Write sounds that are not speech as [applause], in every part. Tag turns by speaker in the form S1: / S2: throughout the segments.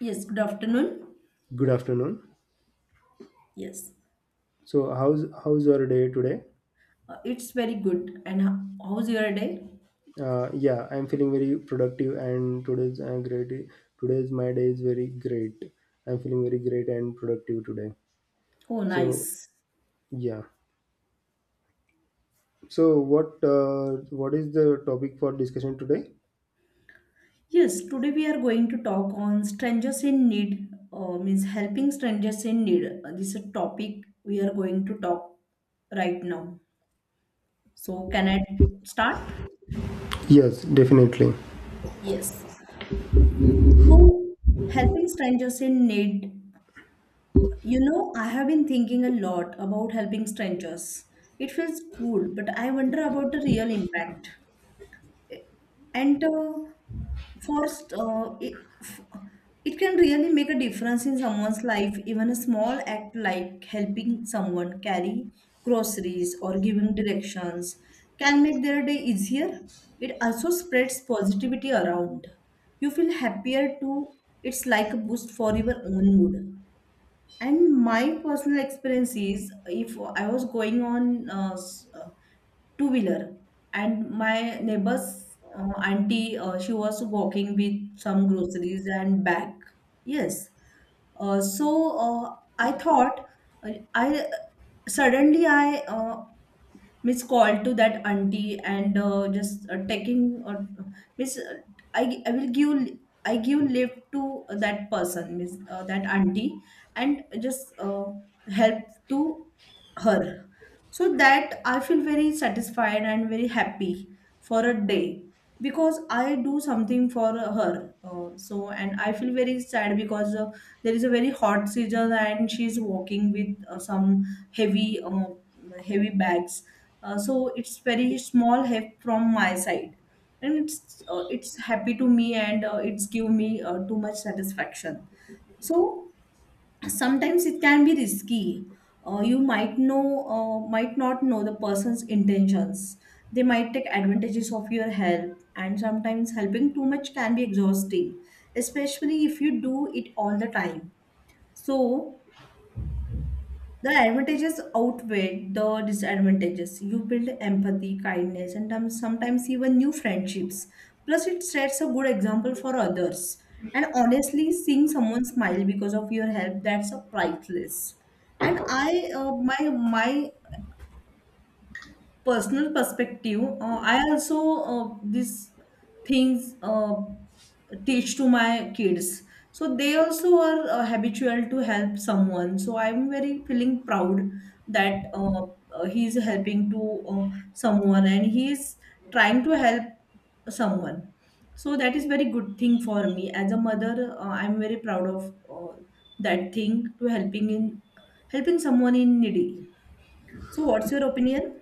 S1: Yes, good afternoon.
S2: Good afternoon.
S1: Yes,
S2: So, how's your day today?
S1: it's very good. And how's your day?
S2: Yeah, I'm feeling very productive, and today's great. Today's my day is very great. I'm feeling very great and productive today.
S1: Oh,
S2: So,
S1: nice.
S2: yeah. So, what is the topic for discussion today?
S1: Yes, today we are going to talk on strangers in need, means helping strangers in need. This is a topic we are going to talk right now. So, can I start?
S2: Yes, definitely.
S1: Yes. So, helping strangers in need. I have been thinking a lot about helping strangers. It feels cool, but I wonder about the real impact. And first it, f- it can really make a difference in someone's life, even a small act like helping someone carry groceries or giving directions can make their day easier. It also spreads positivity around. You feel happier too. It's like a boost for your own mood. And my personal experience is, if I was going on two wheeler, and my neighbor's auntie, she was walking with some groceries and bag. Yes. Uh, so uh, i thought uh, i suddenly I miss call to that auntie, and just taking or miss I, I will give . I give lift to that person, miss that auntie, and just help to her, so that I feel very satisfied and very happy for a day, because I do something for her. And I feel very sad, because there is a very hot season, and she is walking with some heavy uh, heavy bags. It's very small help from my side. And it's happy to me, and it's give me too much satisfaction. So sometimes it can be risky. You might not know the person's intentions. They might take advantages of your help, and sometimes helping too much can be exhausting, especially if you do it all the time. So the advantages outweigh the disadvantages. You build empathy, kindness, and sometimes even new friendships. Plus, it sets a good example for others. And honestly, seeing someone smile because of your help, that's a priceless. And my personal perspective, I also these things teach to my kids. So they also are habitual to help someone. So I'm very feeling proud that he's helping to someone, and he is trying to help someone. So that is very good thing for me as a mother. I'm very proud of that thing to helping someone in needy. So what's your opinion?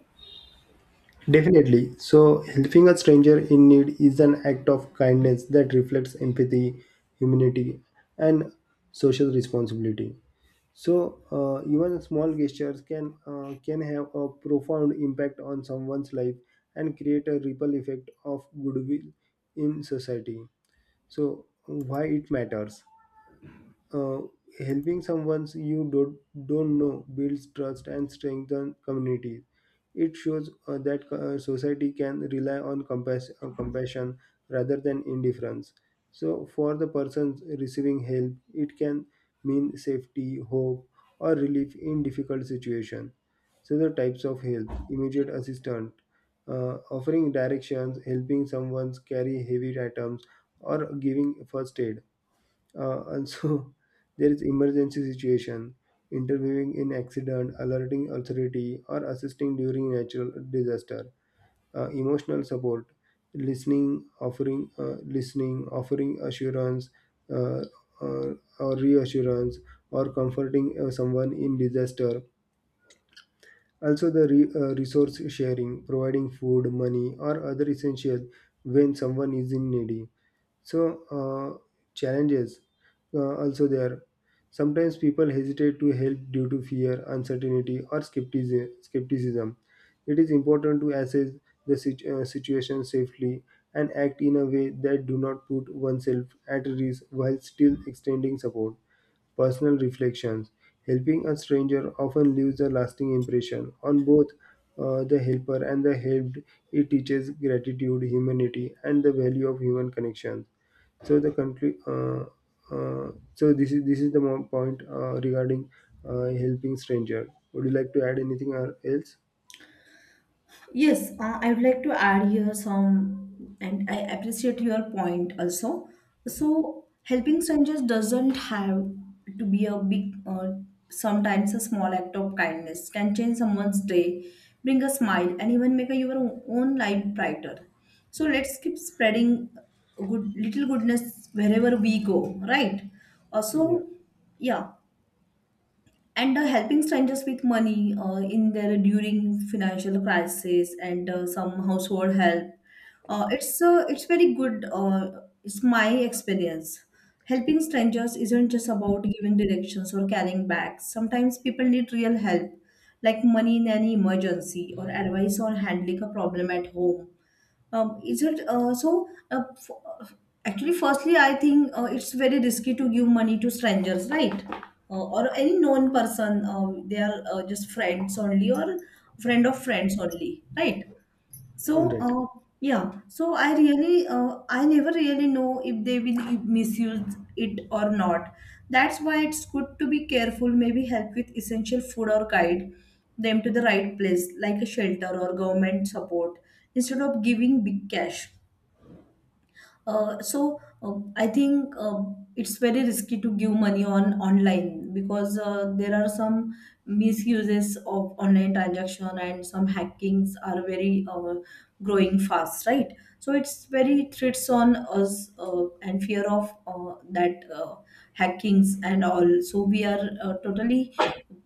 S2: Definitely. So, helping a stranger in need is an act of kindness that reflects empathy, humanity, and social responsibility. So, even small gestures can have a profound impact on someone's life and create a ripple effect of goodwill in society. So, why it matters? uh, Helping someone you don't know builds trust and strengthens communities. It shows that society can rely on compassion rather than indifference. So, for the persons receiving help, it can mean safety, hope, or relief in difficult situation. So, the types of help: immediate assistance, offering directions, helping someone carry heavy items, or giving first aid and so [laughs] there is emergency situation, interviewing in accident, alerting authority, or assisting during natural disaster. Emotional support, listening, offering assurance, uh, uh, or reassurance, or comforting someone in disaster. Also, the resource sharing, providing food, money, or other essential when someone is in need. So, challenges also there. Sometimes people hesitate to help due to fear, uncertainty, or skepticism. It is important to assess the situation safely and act in a way that do not put oneself at risk while still extending support personal reflections. Helping a stranger often leaves a lasting impression on both the helper and the helped. It teaches gratitude, humanity, and the value of human connections. So the country, so this is the point regarding helping stranger. Would you like to add anything or else?
S1: Yes, I would like to add here some, and I appreciate your point also. So, helping strangers doesn't have to be a big, sometimes a small act of kindness can change someone's day, bring a smile, and even make your own life brighter. So, let's keep spreading good little goodness wherever we go, right?
S2: Yeah.
S1: Also, yeah, and helping strangers with money in their during financial crisis, and some household help. It's very good. It's my experience. Helping strangers isn't just about giving directions or carrying bags. Sometimes people need real help, like money in an emergency or advice on handling a problem at home. Is it so? Uh, Actually, firstly, I think it's very risky to give money to strangers, right? Or any known person. They are just friends only, or friend of friends only, right?
S2: All
S1: So,
S2: right.
S1: yeah, so I never really know if they will misuse it or not. That's why it's good to be careful, maybe help with essential food or guide them to the right place, like a shelter or government support, instead of giving big cash. So I think it's very risky to give money on online, because there are some misuses of online transaction, and some hackings are very growing fast, right? So it's very threats on us, and fear of that hackings and all. So we are totally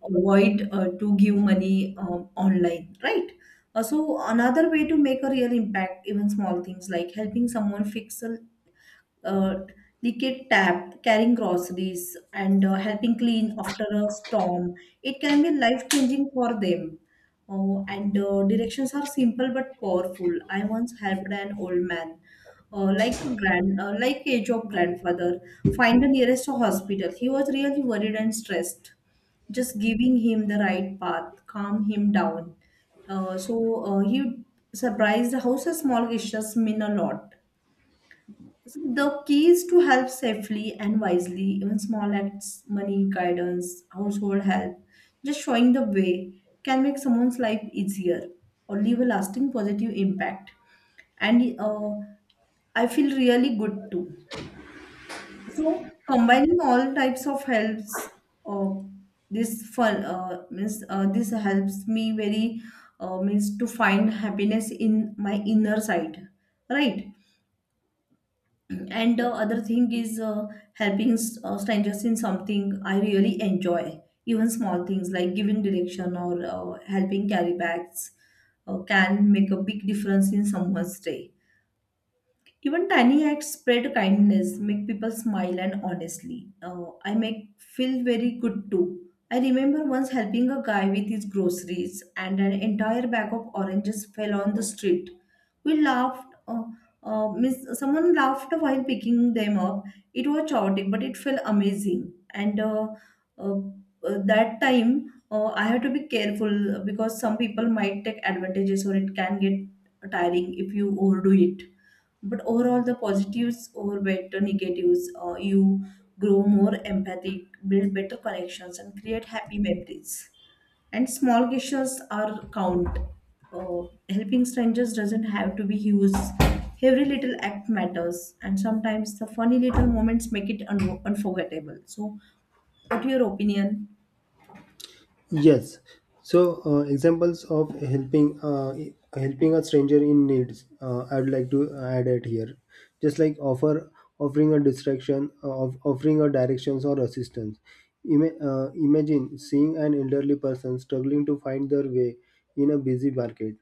S1: avoid to give money online, right? So another way to make a real impact, even small things like helping someone fix a uh, liquid tap, carrying groceries, and helping clean after a storm. It can be life changing for them. Oh, and directions are simple but powerful. I once helped an old man, like a like age of grandfather, find the nearest hospital. He was really worried and stressed. Just giving him the right path, calm him down. He surprised how such small gestures mean a lot. So, the keys to help safely and wisely, even small acts, money, guidance, household help, just showing the way, can make someone's life easier or leave a lasting positive impact. And I feel really good too. So combining all types of helps, uh, this fun means this helps me very means to find happiness in my inner side, right? And other thing is helping strangers in something I really enjoy. Even small things like giving direction or helping carry bags can make a big difference in someone's day. Even tiny acts spread kindness, make people smile, and honestly, I make feel very good too. I remember once helping a guy with his groceries, and an entire bag of oranges fell on the street. We laughed. Someone laughed while picking them up. It was chaotic, but it felt amazing. And uh, that time, I have to be careful, because some people might take advantages, or it can get tiring if you overdo it. But overall the positives overweight the negatives. You grow more empathic, build better connections, and create happy memories. And small gestures are count. uh, Helping strangers doesn't have to be huge. Every little act matters, and sometimes the funny little moments make it unforgettable. So what your opinion?
S2: Yes. So examples of helping a stranger in needs. I would like to add it here, just like offering a distraction, of offering a directions or assistance. Imagine seeing an elderly person struggling to find their way in a busy market.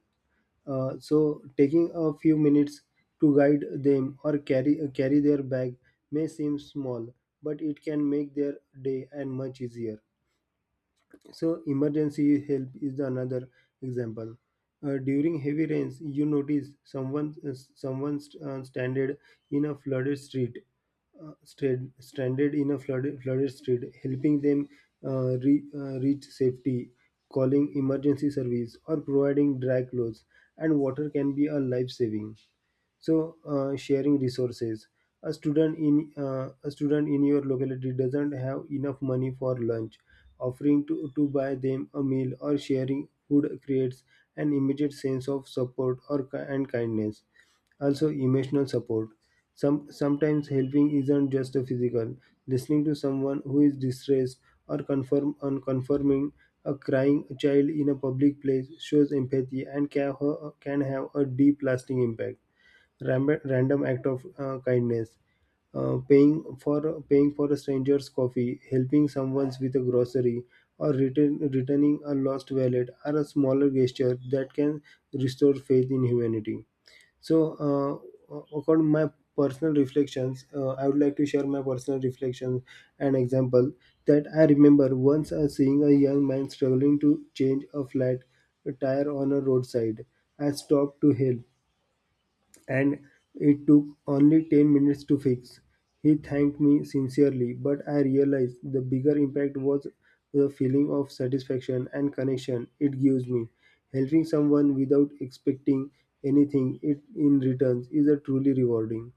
S2: So taking a few minutes to guide them or carry their bag may seem small, but it can make their day and much easier. So emergency help is another example. During heavy rains, you notice someone stranded in a flooded street, stranded in a flooded street, helping them reach safety, calling emergency service, or providing dry clothes and water can be a life saving. So sharing resources, a student in your locality doesn't have enough money for lunch, offering to buy them a meal or sharing food creates an immediate sense of support or ki- and kindness also, emotional support. Sometimes helping isn't just a physical, listening to someone who is distressed or confirm unconfirming a crying child in a public place shows empathy and can have a deep lasting impact. Random act of kindness, paying for a stranger's coffee, helping someone with a grocery or returning a lost wallet are a smaller gesture that can restore faith in humanity. So according to my personal reflections, I would like to share my personal reflections and example, that I remember once seeing a young man struggling to change a flat tire on a roadside. I stopped to help, and it took only 10 minutes to fix. He thanked me sincerely, but I realized the bigger impact was the feeling of satisfaction and connection it gives me. Helping someone without expecting anything it in returns is a truly rewarding.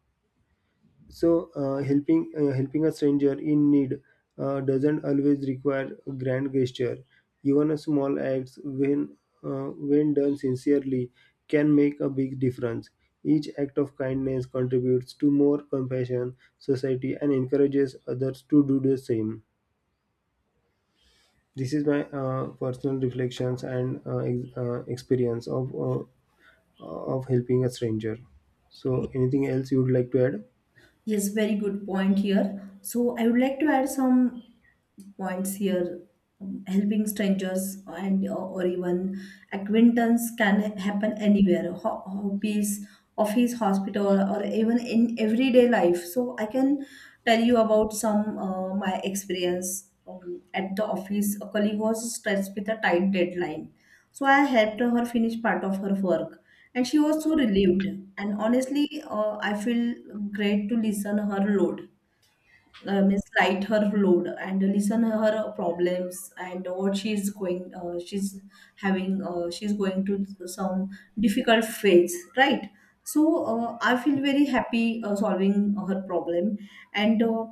S2: So, helping a stranger in need doesn't always require a grand gesture. Even a small act, when done sincerely, can make a big difference. Each act of kindness contributes to more compassion, society, and encourages others to do the same. This is my personal reflections and experience of helping a stranger. So, anything else you would like to add?
S1: Yes, very good point here. So I would like to add some points here. Helping strangers and or even acquaintance can happen anywhere. Hobbies, office, hospital, or even in everyday life. So I can tell you about some, my experience. um, at the office, a colleague was stressed with a tight deadline. So I helped her finish part of her work, and she was so relieved. And honestly, I feel great to listen her load. Means light her load and listen her problems, and what she's going to some difficult phase, right? So I feel very happy solving her problem. and uh,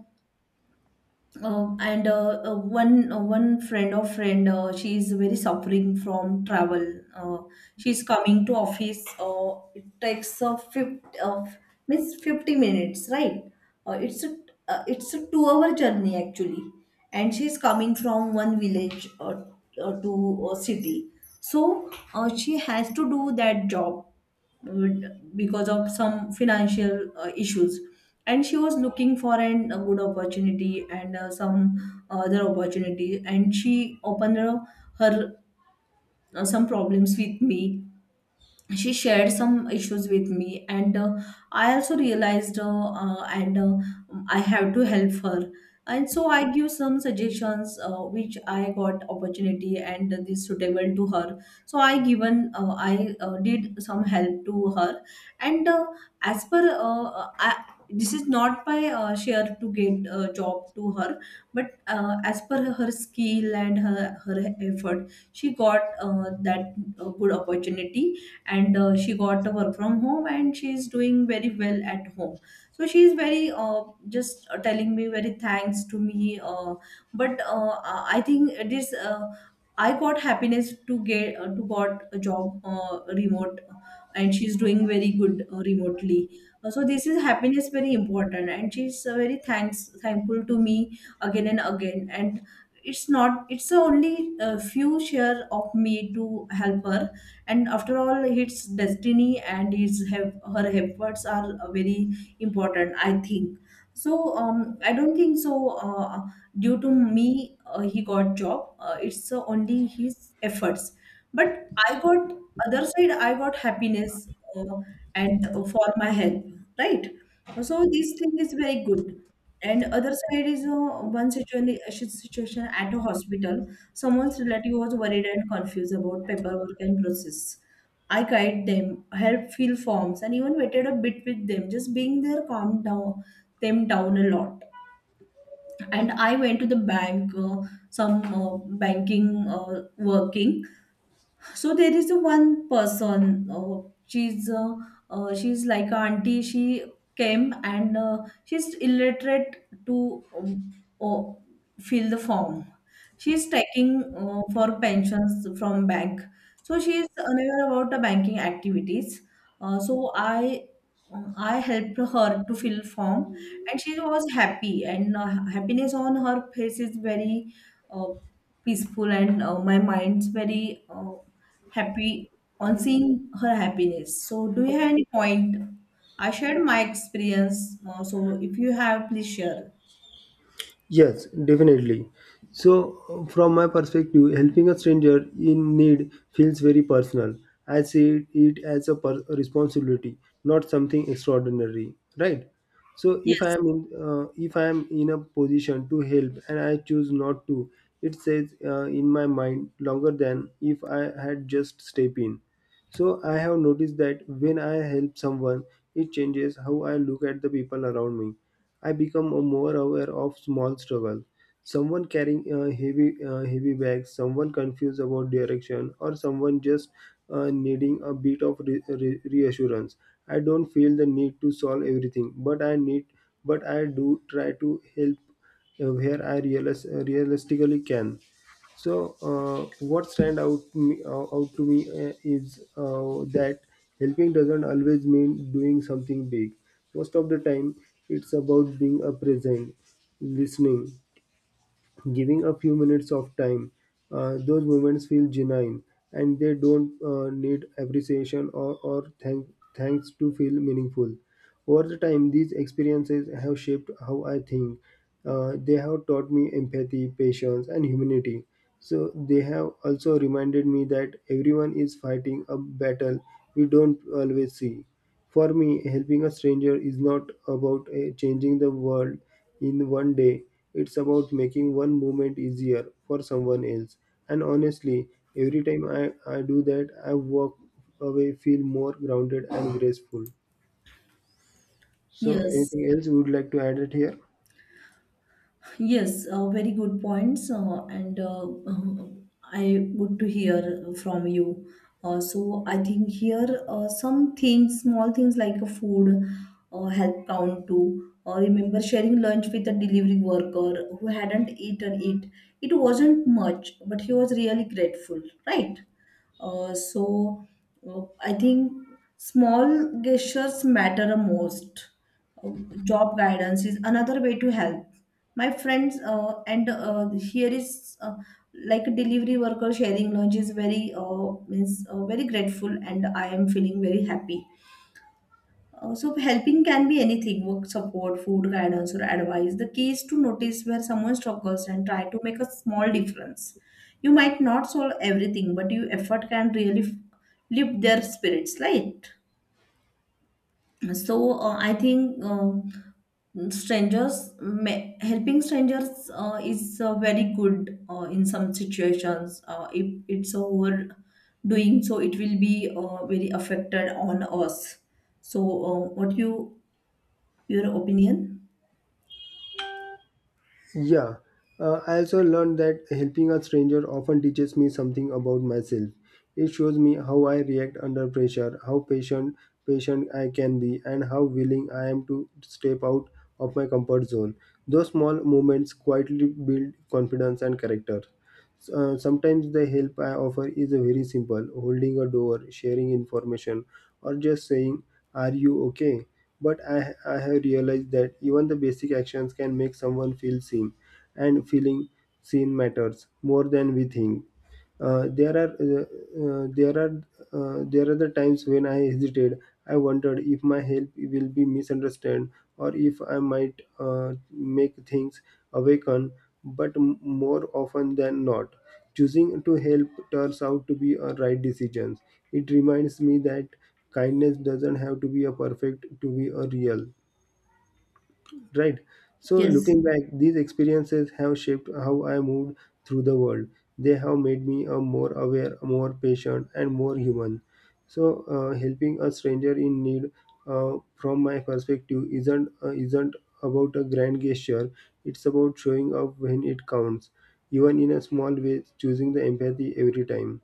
S1: um, one friend of friend, she is very suffering from travel. Uh, she's coming to office. It takes 50 means 50 minutes, right? Uh, it's a it's a 2 hour journey actually, and she's coming from one village, to a city. So she has to do that job, because of some financial issues. And she was looking for a good opportunity, and some other opportunity. And she opened her some problems with me. She shared some issues with me, and I also realized and I have to help her. And so I give some suggestions, which I got opportunity, and this suitable to her. So I did some help to her. And as per this is not by share to get a job to her. But as per her skill and her effort, she got that good opportunity. And she got the work from home, and she's doing very well at home. So she's very just telling me very thanks to me. But I think it is, I got happiness to get, to got a job remote. And she's doing very good remotely. So this is happiness very important. And she's very thanks thankful to me again and again. And it's not it's only a few share of me to help her. And after all, it's destiny. And her efforts are very important, I think. So I don't think so. uh, Due to me, he got job. It's only his efforts. But I got, other side, I got happiness, uh, and for my help, right? So this thing is very good. And other side is one situation at a hospital. Someone's relative was worried and confused about paperwork and process. I guided them, helped fill forms, and even waited a bit with them. Just being there calmed down them down a lot. And I went to the bank, some banking working. So there is a one person. She's she's like a auntie. She came and she's illiterate to oh, fill the form. She's taking for pensions from bank. So she is unaware about the banking activities. So I helped her to fill form, and she was happy. And Happiness on her face is very uh, peaceful, and my mind's very happy on seeing her happiness. So, do you have any point? I shared my experience. So, if you have, please share.
S2: Yes, definitely. So, from my perspective, helping a stranger in need feels very personal. I see it as a a responsibility, not something extraordinary, right? So,
S1: Yes,
S2: if I am in a position to help and I choose not to, it says in my mind longer than if I had just step in. So I have noticed that when I help someone, it changes how I look at the people around me. I become a more aware of small struggle. Someone carrying heavy bags, someone confused about direction, or someone just needing a bit of reassurance. I don't feel the need to solve everything, but but I do try to help where I realistically can. So, what stand out to me is that helping doesn't always mean doing something big. Most of the time, it's about being a present, listening, giving a few minutes of time. Those moments feel genuine and they don't need appreciation or thanks to feel meaningful. Over the time, these experiences have shaped how I think. They have taught me empathy, patience, and humanity. So, they have also reminded me that everyone is fighting a battle we don't always see. For me, helping a stranger is not about changing the world, in one day. It's about making one moment easier for someone else. And honestly, every time I do that, I walk away feel more grounded and graceful. So
S1: yes,
S2: anything else you would like to add it here?
S1: yes. Very good points, and [laughs] I good to hear from you. So, I think here some things, small things like a food, help count too. Remember sharing lunch with a delivery worker who hadn't eaten it. It wasn't much, but he was really grateful, right? Uh, so I think small gestures matter the most. Uh, Job guidance is another way to help. My friends, and here is like a delivery worker sharing lunch is very means very grateful, and I am feeling very happy. So helping can be anything, work support, food guidance, or advice. The key is to notice where someone struggles and try to make a small difference. You might not solve everything, but your effort can really lift their spirits, right? I think helping strangers is very good in some situations. If it's over doing so, it will be very affected on us. What you your opinion?
S2: Yeah, I also learned that helping a stranger often teaches me something about myself. It shows me how I react under pressure, how patient I can be, and how willing I am to step out of my comfort zone. Those small moments quietly build confidence and character. Sometimes the help I offer is very simple: holding a door, sharing information, or just saying, "Are you okay?" But I have realized that even the basic actions can make someone feel seen, and feeling seen matters more than we think. Uh, there are uh, uh, there are there are the times when I hesitated. I wondered if my help will be misunderstood or if I might make things awaken. But more often than not, choosing to help turns out to be a right decision. It reminds me that kindness doesn't have to be a perfect to be a real, right? So,
S1: Yes.
S2: looking back, these experiences have shaped how I moved through the world. They have made me a more aware, more patient, and more human. So, helping a stranger in need, from my perspective, isn't about a grand gesture. It's about showing up when it counts, even in a small way, choosing the empathy every time.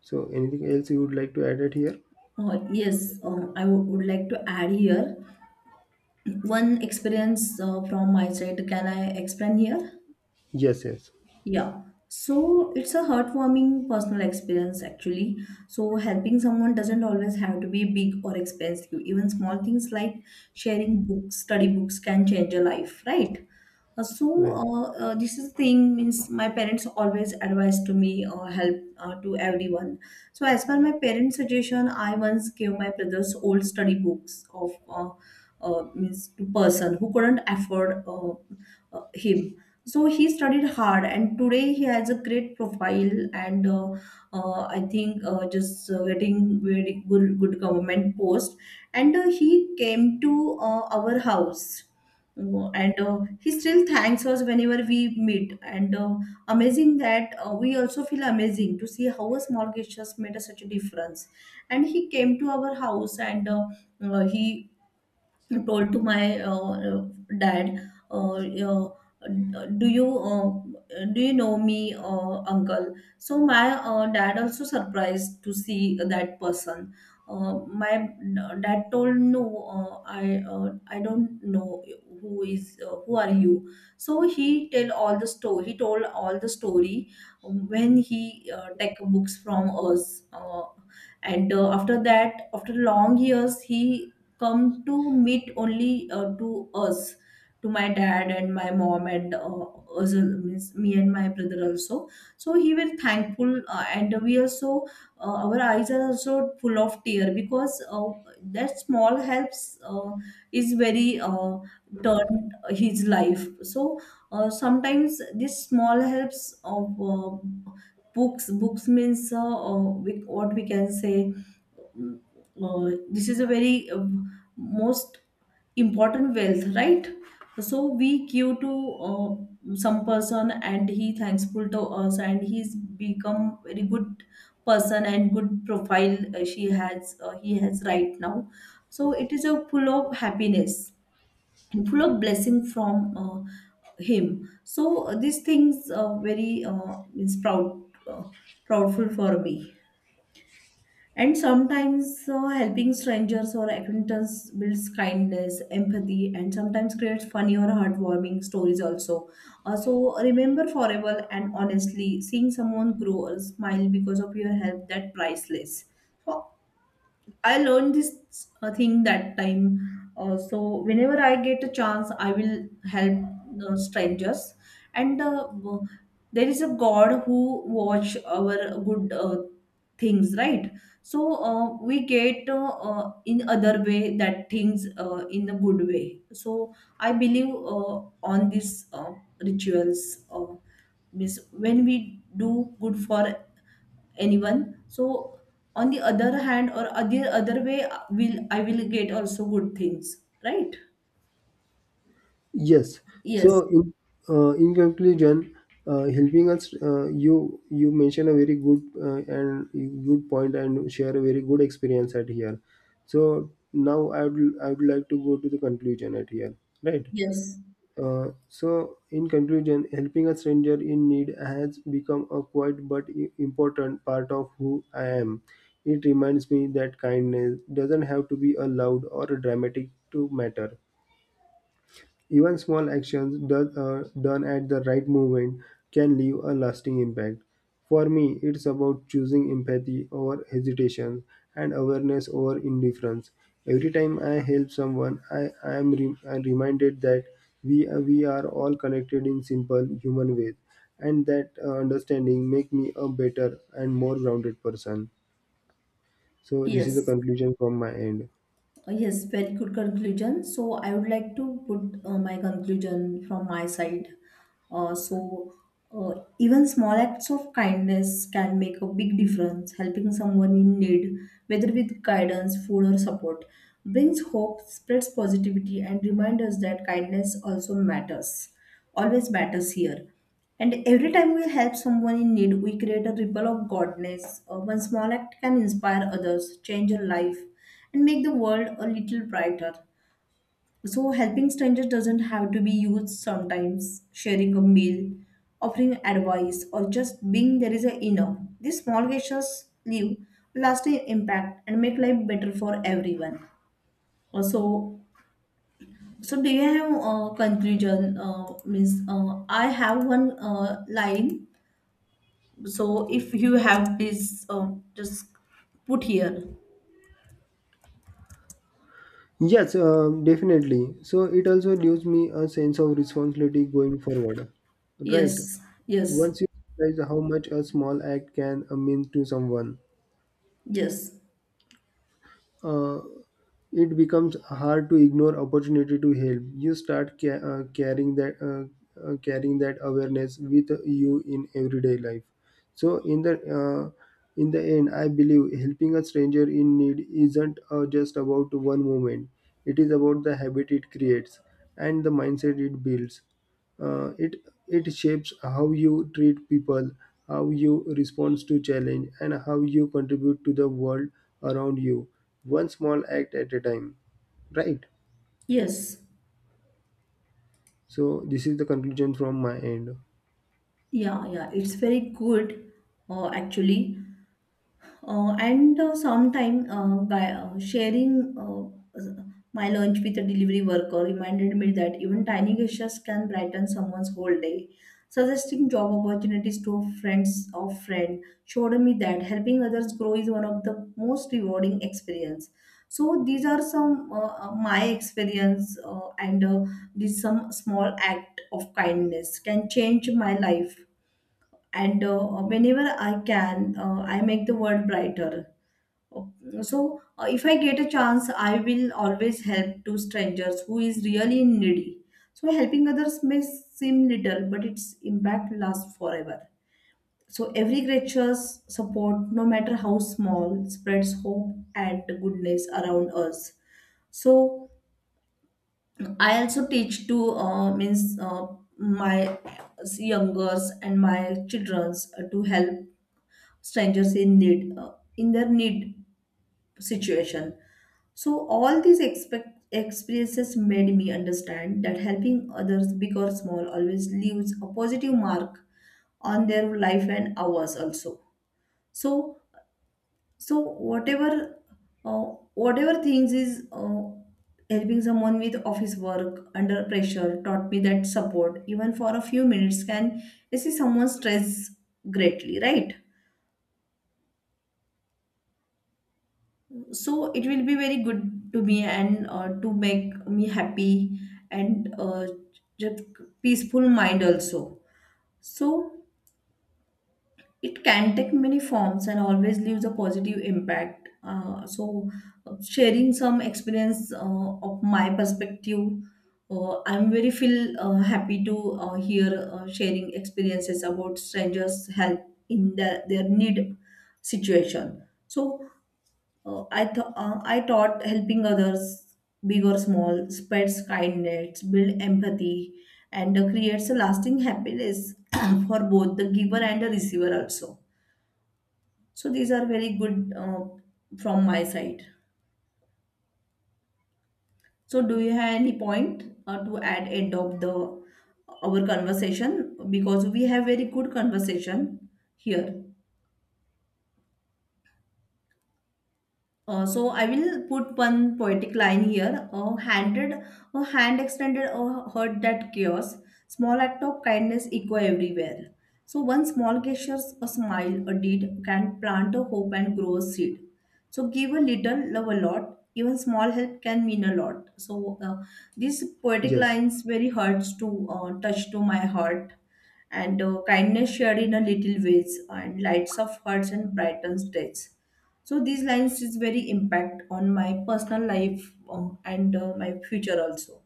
S2: So, anything else you would like to add it here?
S1: Yes, I would like to add here one experience from my side. Can I explain here?
S2: Yes, yes,
S1: Yeah. So it's a heartwarming personal experience actually. So helping someone doesn't always have to be big or expensive. Even small things like sharing books, study books can change a life, right?
S2: right.
S1: This is thing means my parents always advise to me or help to everyone. So as per my parents' suggestion, I once gave my brother's old study books of means to person who couldn't afford him. So he studied hard, and today he has a great profile. And I think just getting very good government post. And He came to our house and he still thanks us whenever we meet, and amazing that we also feel amazing to see how a small gestures made a such a difference, and he came to our house and he told to my dad, do you know me, uncle? So my dad also surprised to see that person. My dad told no, I don't know who is, who are you? So he tell all the story, he told all the story when he take books from us, and after that, after long years he come to meet only to us, to my dad and my mom, and us, means me and my brother also. So he were thankful, and we also, our eyes are also full of tear, because that small helps is very turned his life. So sometimes this small helps of books means, we, what we can say, mm, this is a very most important wealth, right? So we queue to some person and he thankful to us, and he's become very good person and good profile, she has he has right now. So it is a full of happiness and full of blessing from him. So these things are very is proud, uh, proudful for me. And sometimes helping strangers or acquaintances builds kindness, empathy, and sometimes creates funny or heartwarming stories also. So remember forever, and honestly, seeing someone grow or smile because of your help, that priceless. So I learned this thing that time. So whenever I get a chance, I will help the strangers. And uh, w- there is a God who watch our good things, right? We get in other way that things in a good way. So I believe on these rituals. Means when we do good for anyone, so on the other hand or other way, will I will get also good things, right?
S2: Yes.
S1: Yes,
S2: So, in conclusion, helping us, you mentioned a very good and good point and share a very good experience at here. So now I would like to go to the conclusion at here, right?
S1: yes,
S2: So in conclusion, helping a stranger in need has become a quiet but important part of who I am. It reminds me that kindness doesn't have to be a loud or a dramatic to matter. Even small actions done at the right moment can leave a lasting impact. For me, it's about choosing empathy over hesitation and awareness over indifference. Every time I help someone, I'm reminded that we are all connected in simple human ways, and that understanding make me a better and more grounded person. So this is the
S1: yes.
S2: conclusion from my end.
S1: Yes, very good conclusion. So I would like to put my conclusion from my side. Uh, so Even small acts of kindness can make a big difference. Helping someone in need, whether with guidance, food, or support, brings hope, spreads positivity, and reminds us that kindness also matters. Always matters here. And every time we help someone in need, we create a ripple of godness. One small act can inspire others, change a life, and make the world a little brighter. So, helping strangers doesn't have to be used sometimes, sharing a meal, offering advice, or just being there is enough. These small gestures leave lasting impact and make life better for everyone. Uh, So, so do you have a conclusion? Means I have one line. So if you have, please, just put here.
S2: Yes, definitely. So it also gives me a sense of responsibility going forward. Right.
S1: Yes, yes,
S2: Once you realize how much a small act can mean to someone,
S1: yes,
S2: uh, it becomes hard to ignore opportunity to help. You start carrying that awareness with you in everyday life. So in the end, I believe helping a stranger in need isn't just about one moment. It is about the habit it creates and the mindset it builds. It it shapes how you treat people, how you respond to challenge, and how you contribute to the world around you, one small act at a time, right?
S1: yes.
S2: So this is the conclusion from my end.
S1: Yeah, yeah, it's very good actually. And sometime by Sharing my lunch with a delivery worker reminded me that even tiny gestures can brighten someone's whole day. Suggesting job opportunities to friends of friend showed me that helping others grow is one of the most rewarding experience. So these are some my experience, and these some small act of kindness can change my life, and whenever I can, I make the world brighter. Oh, so if I get a chance, I will always help to strangers who is really needy. So helping others may seem little, but its impact lasts forever. So every creature's support, no matter how small, spreads hope and goodness around us. So I also teach to means my youngers and my childrens to help strangers in need, in their need situation. So all these expect experiences made me understand that helping others, big or small, always leaves a positive mark on their life and ours also. So, so whatever uh, whatever things is, helping someone with office work under pressure taught me that support, even for a few minutes, can assist someone's stress greatly, right? So it will be very good to me, and to make me happy, and just peaceful mind also. So it can take many forms and always leaves a positive impact. Sharing some experience of my perspective, I'm very feel happy to hear sharing experiences about strangers help in the, their need situation. So I thought, I taught helping others, big or small, spreads kindness, build empathy, and creates a lasting happiness [clears throat] for both the giver and the receiver also. So these are very good, from my side. So do you have any point to add end of the our conversation, because we have very good conversation here. So I will put one poetic line here. A hand extended, a heard that chaos. Small act of kindness echo everywhere. So one small gesture, a smile, a deed can plant a hope and grow a seed. So give a little, love a lot. Even small help can mean a lot. These poetic
S2: Yes.
S1: lines very hurts to touch to my heart. And Kindness shared in a little ways and lights of hearts and brightens days. So these lines is very impact on my personal life, and my future also.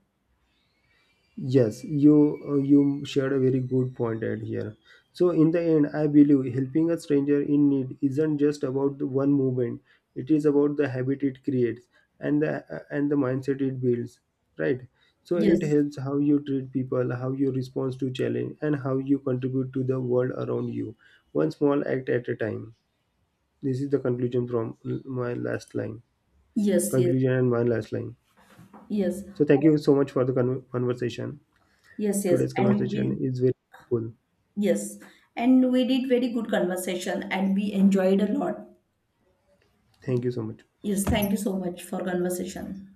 S2: Yes, you you shared a very good point at here. So in the end, I believe helping a stranger in need isn't just about the one movement. It is about the habit it creates and the mindset it builds, right? So it
S1: Yes,
S2: helps how you treat people, how you respond to challenge, and how you contribute to the world around you, one small act at a time. This is the conclusion from my last line.
S1: yes, yes,
S2: Conclusion and my last line.
S1: yes,
S2: So thank you so much for the conversation.
S1: yes,
S2: Today's conversation is very helpful.
S1: yes, and we did very good conversation and we enjoyed a lot.
S2: Thank you so much.
S1: Yes, thank you so much for conversation.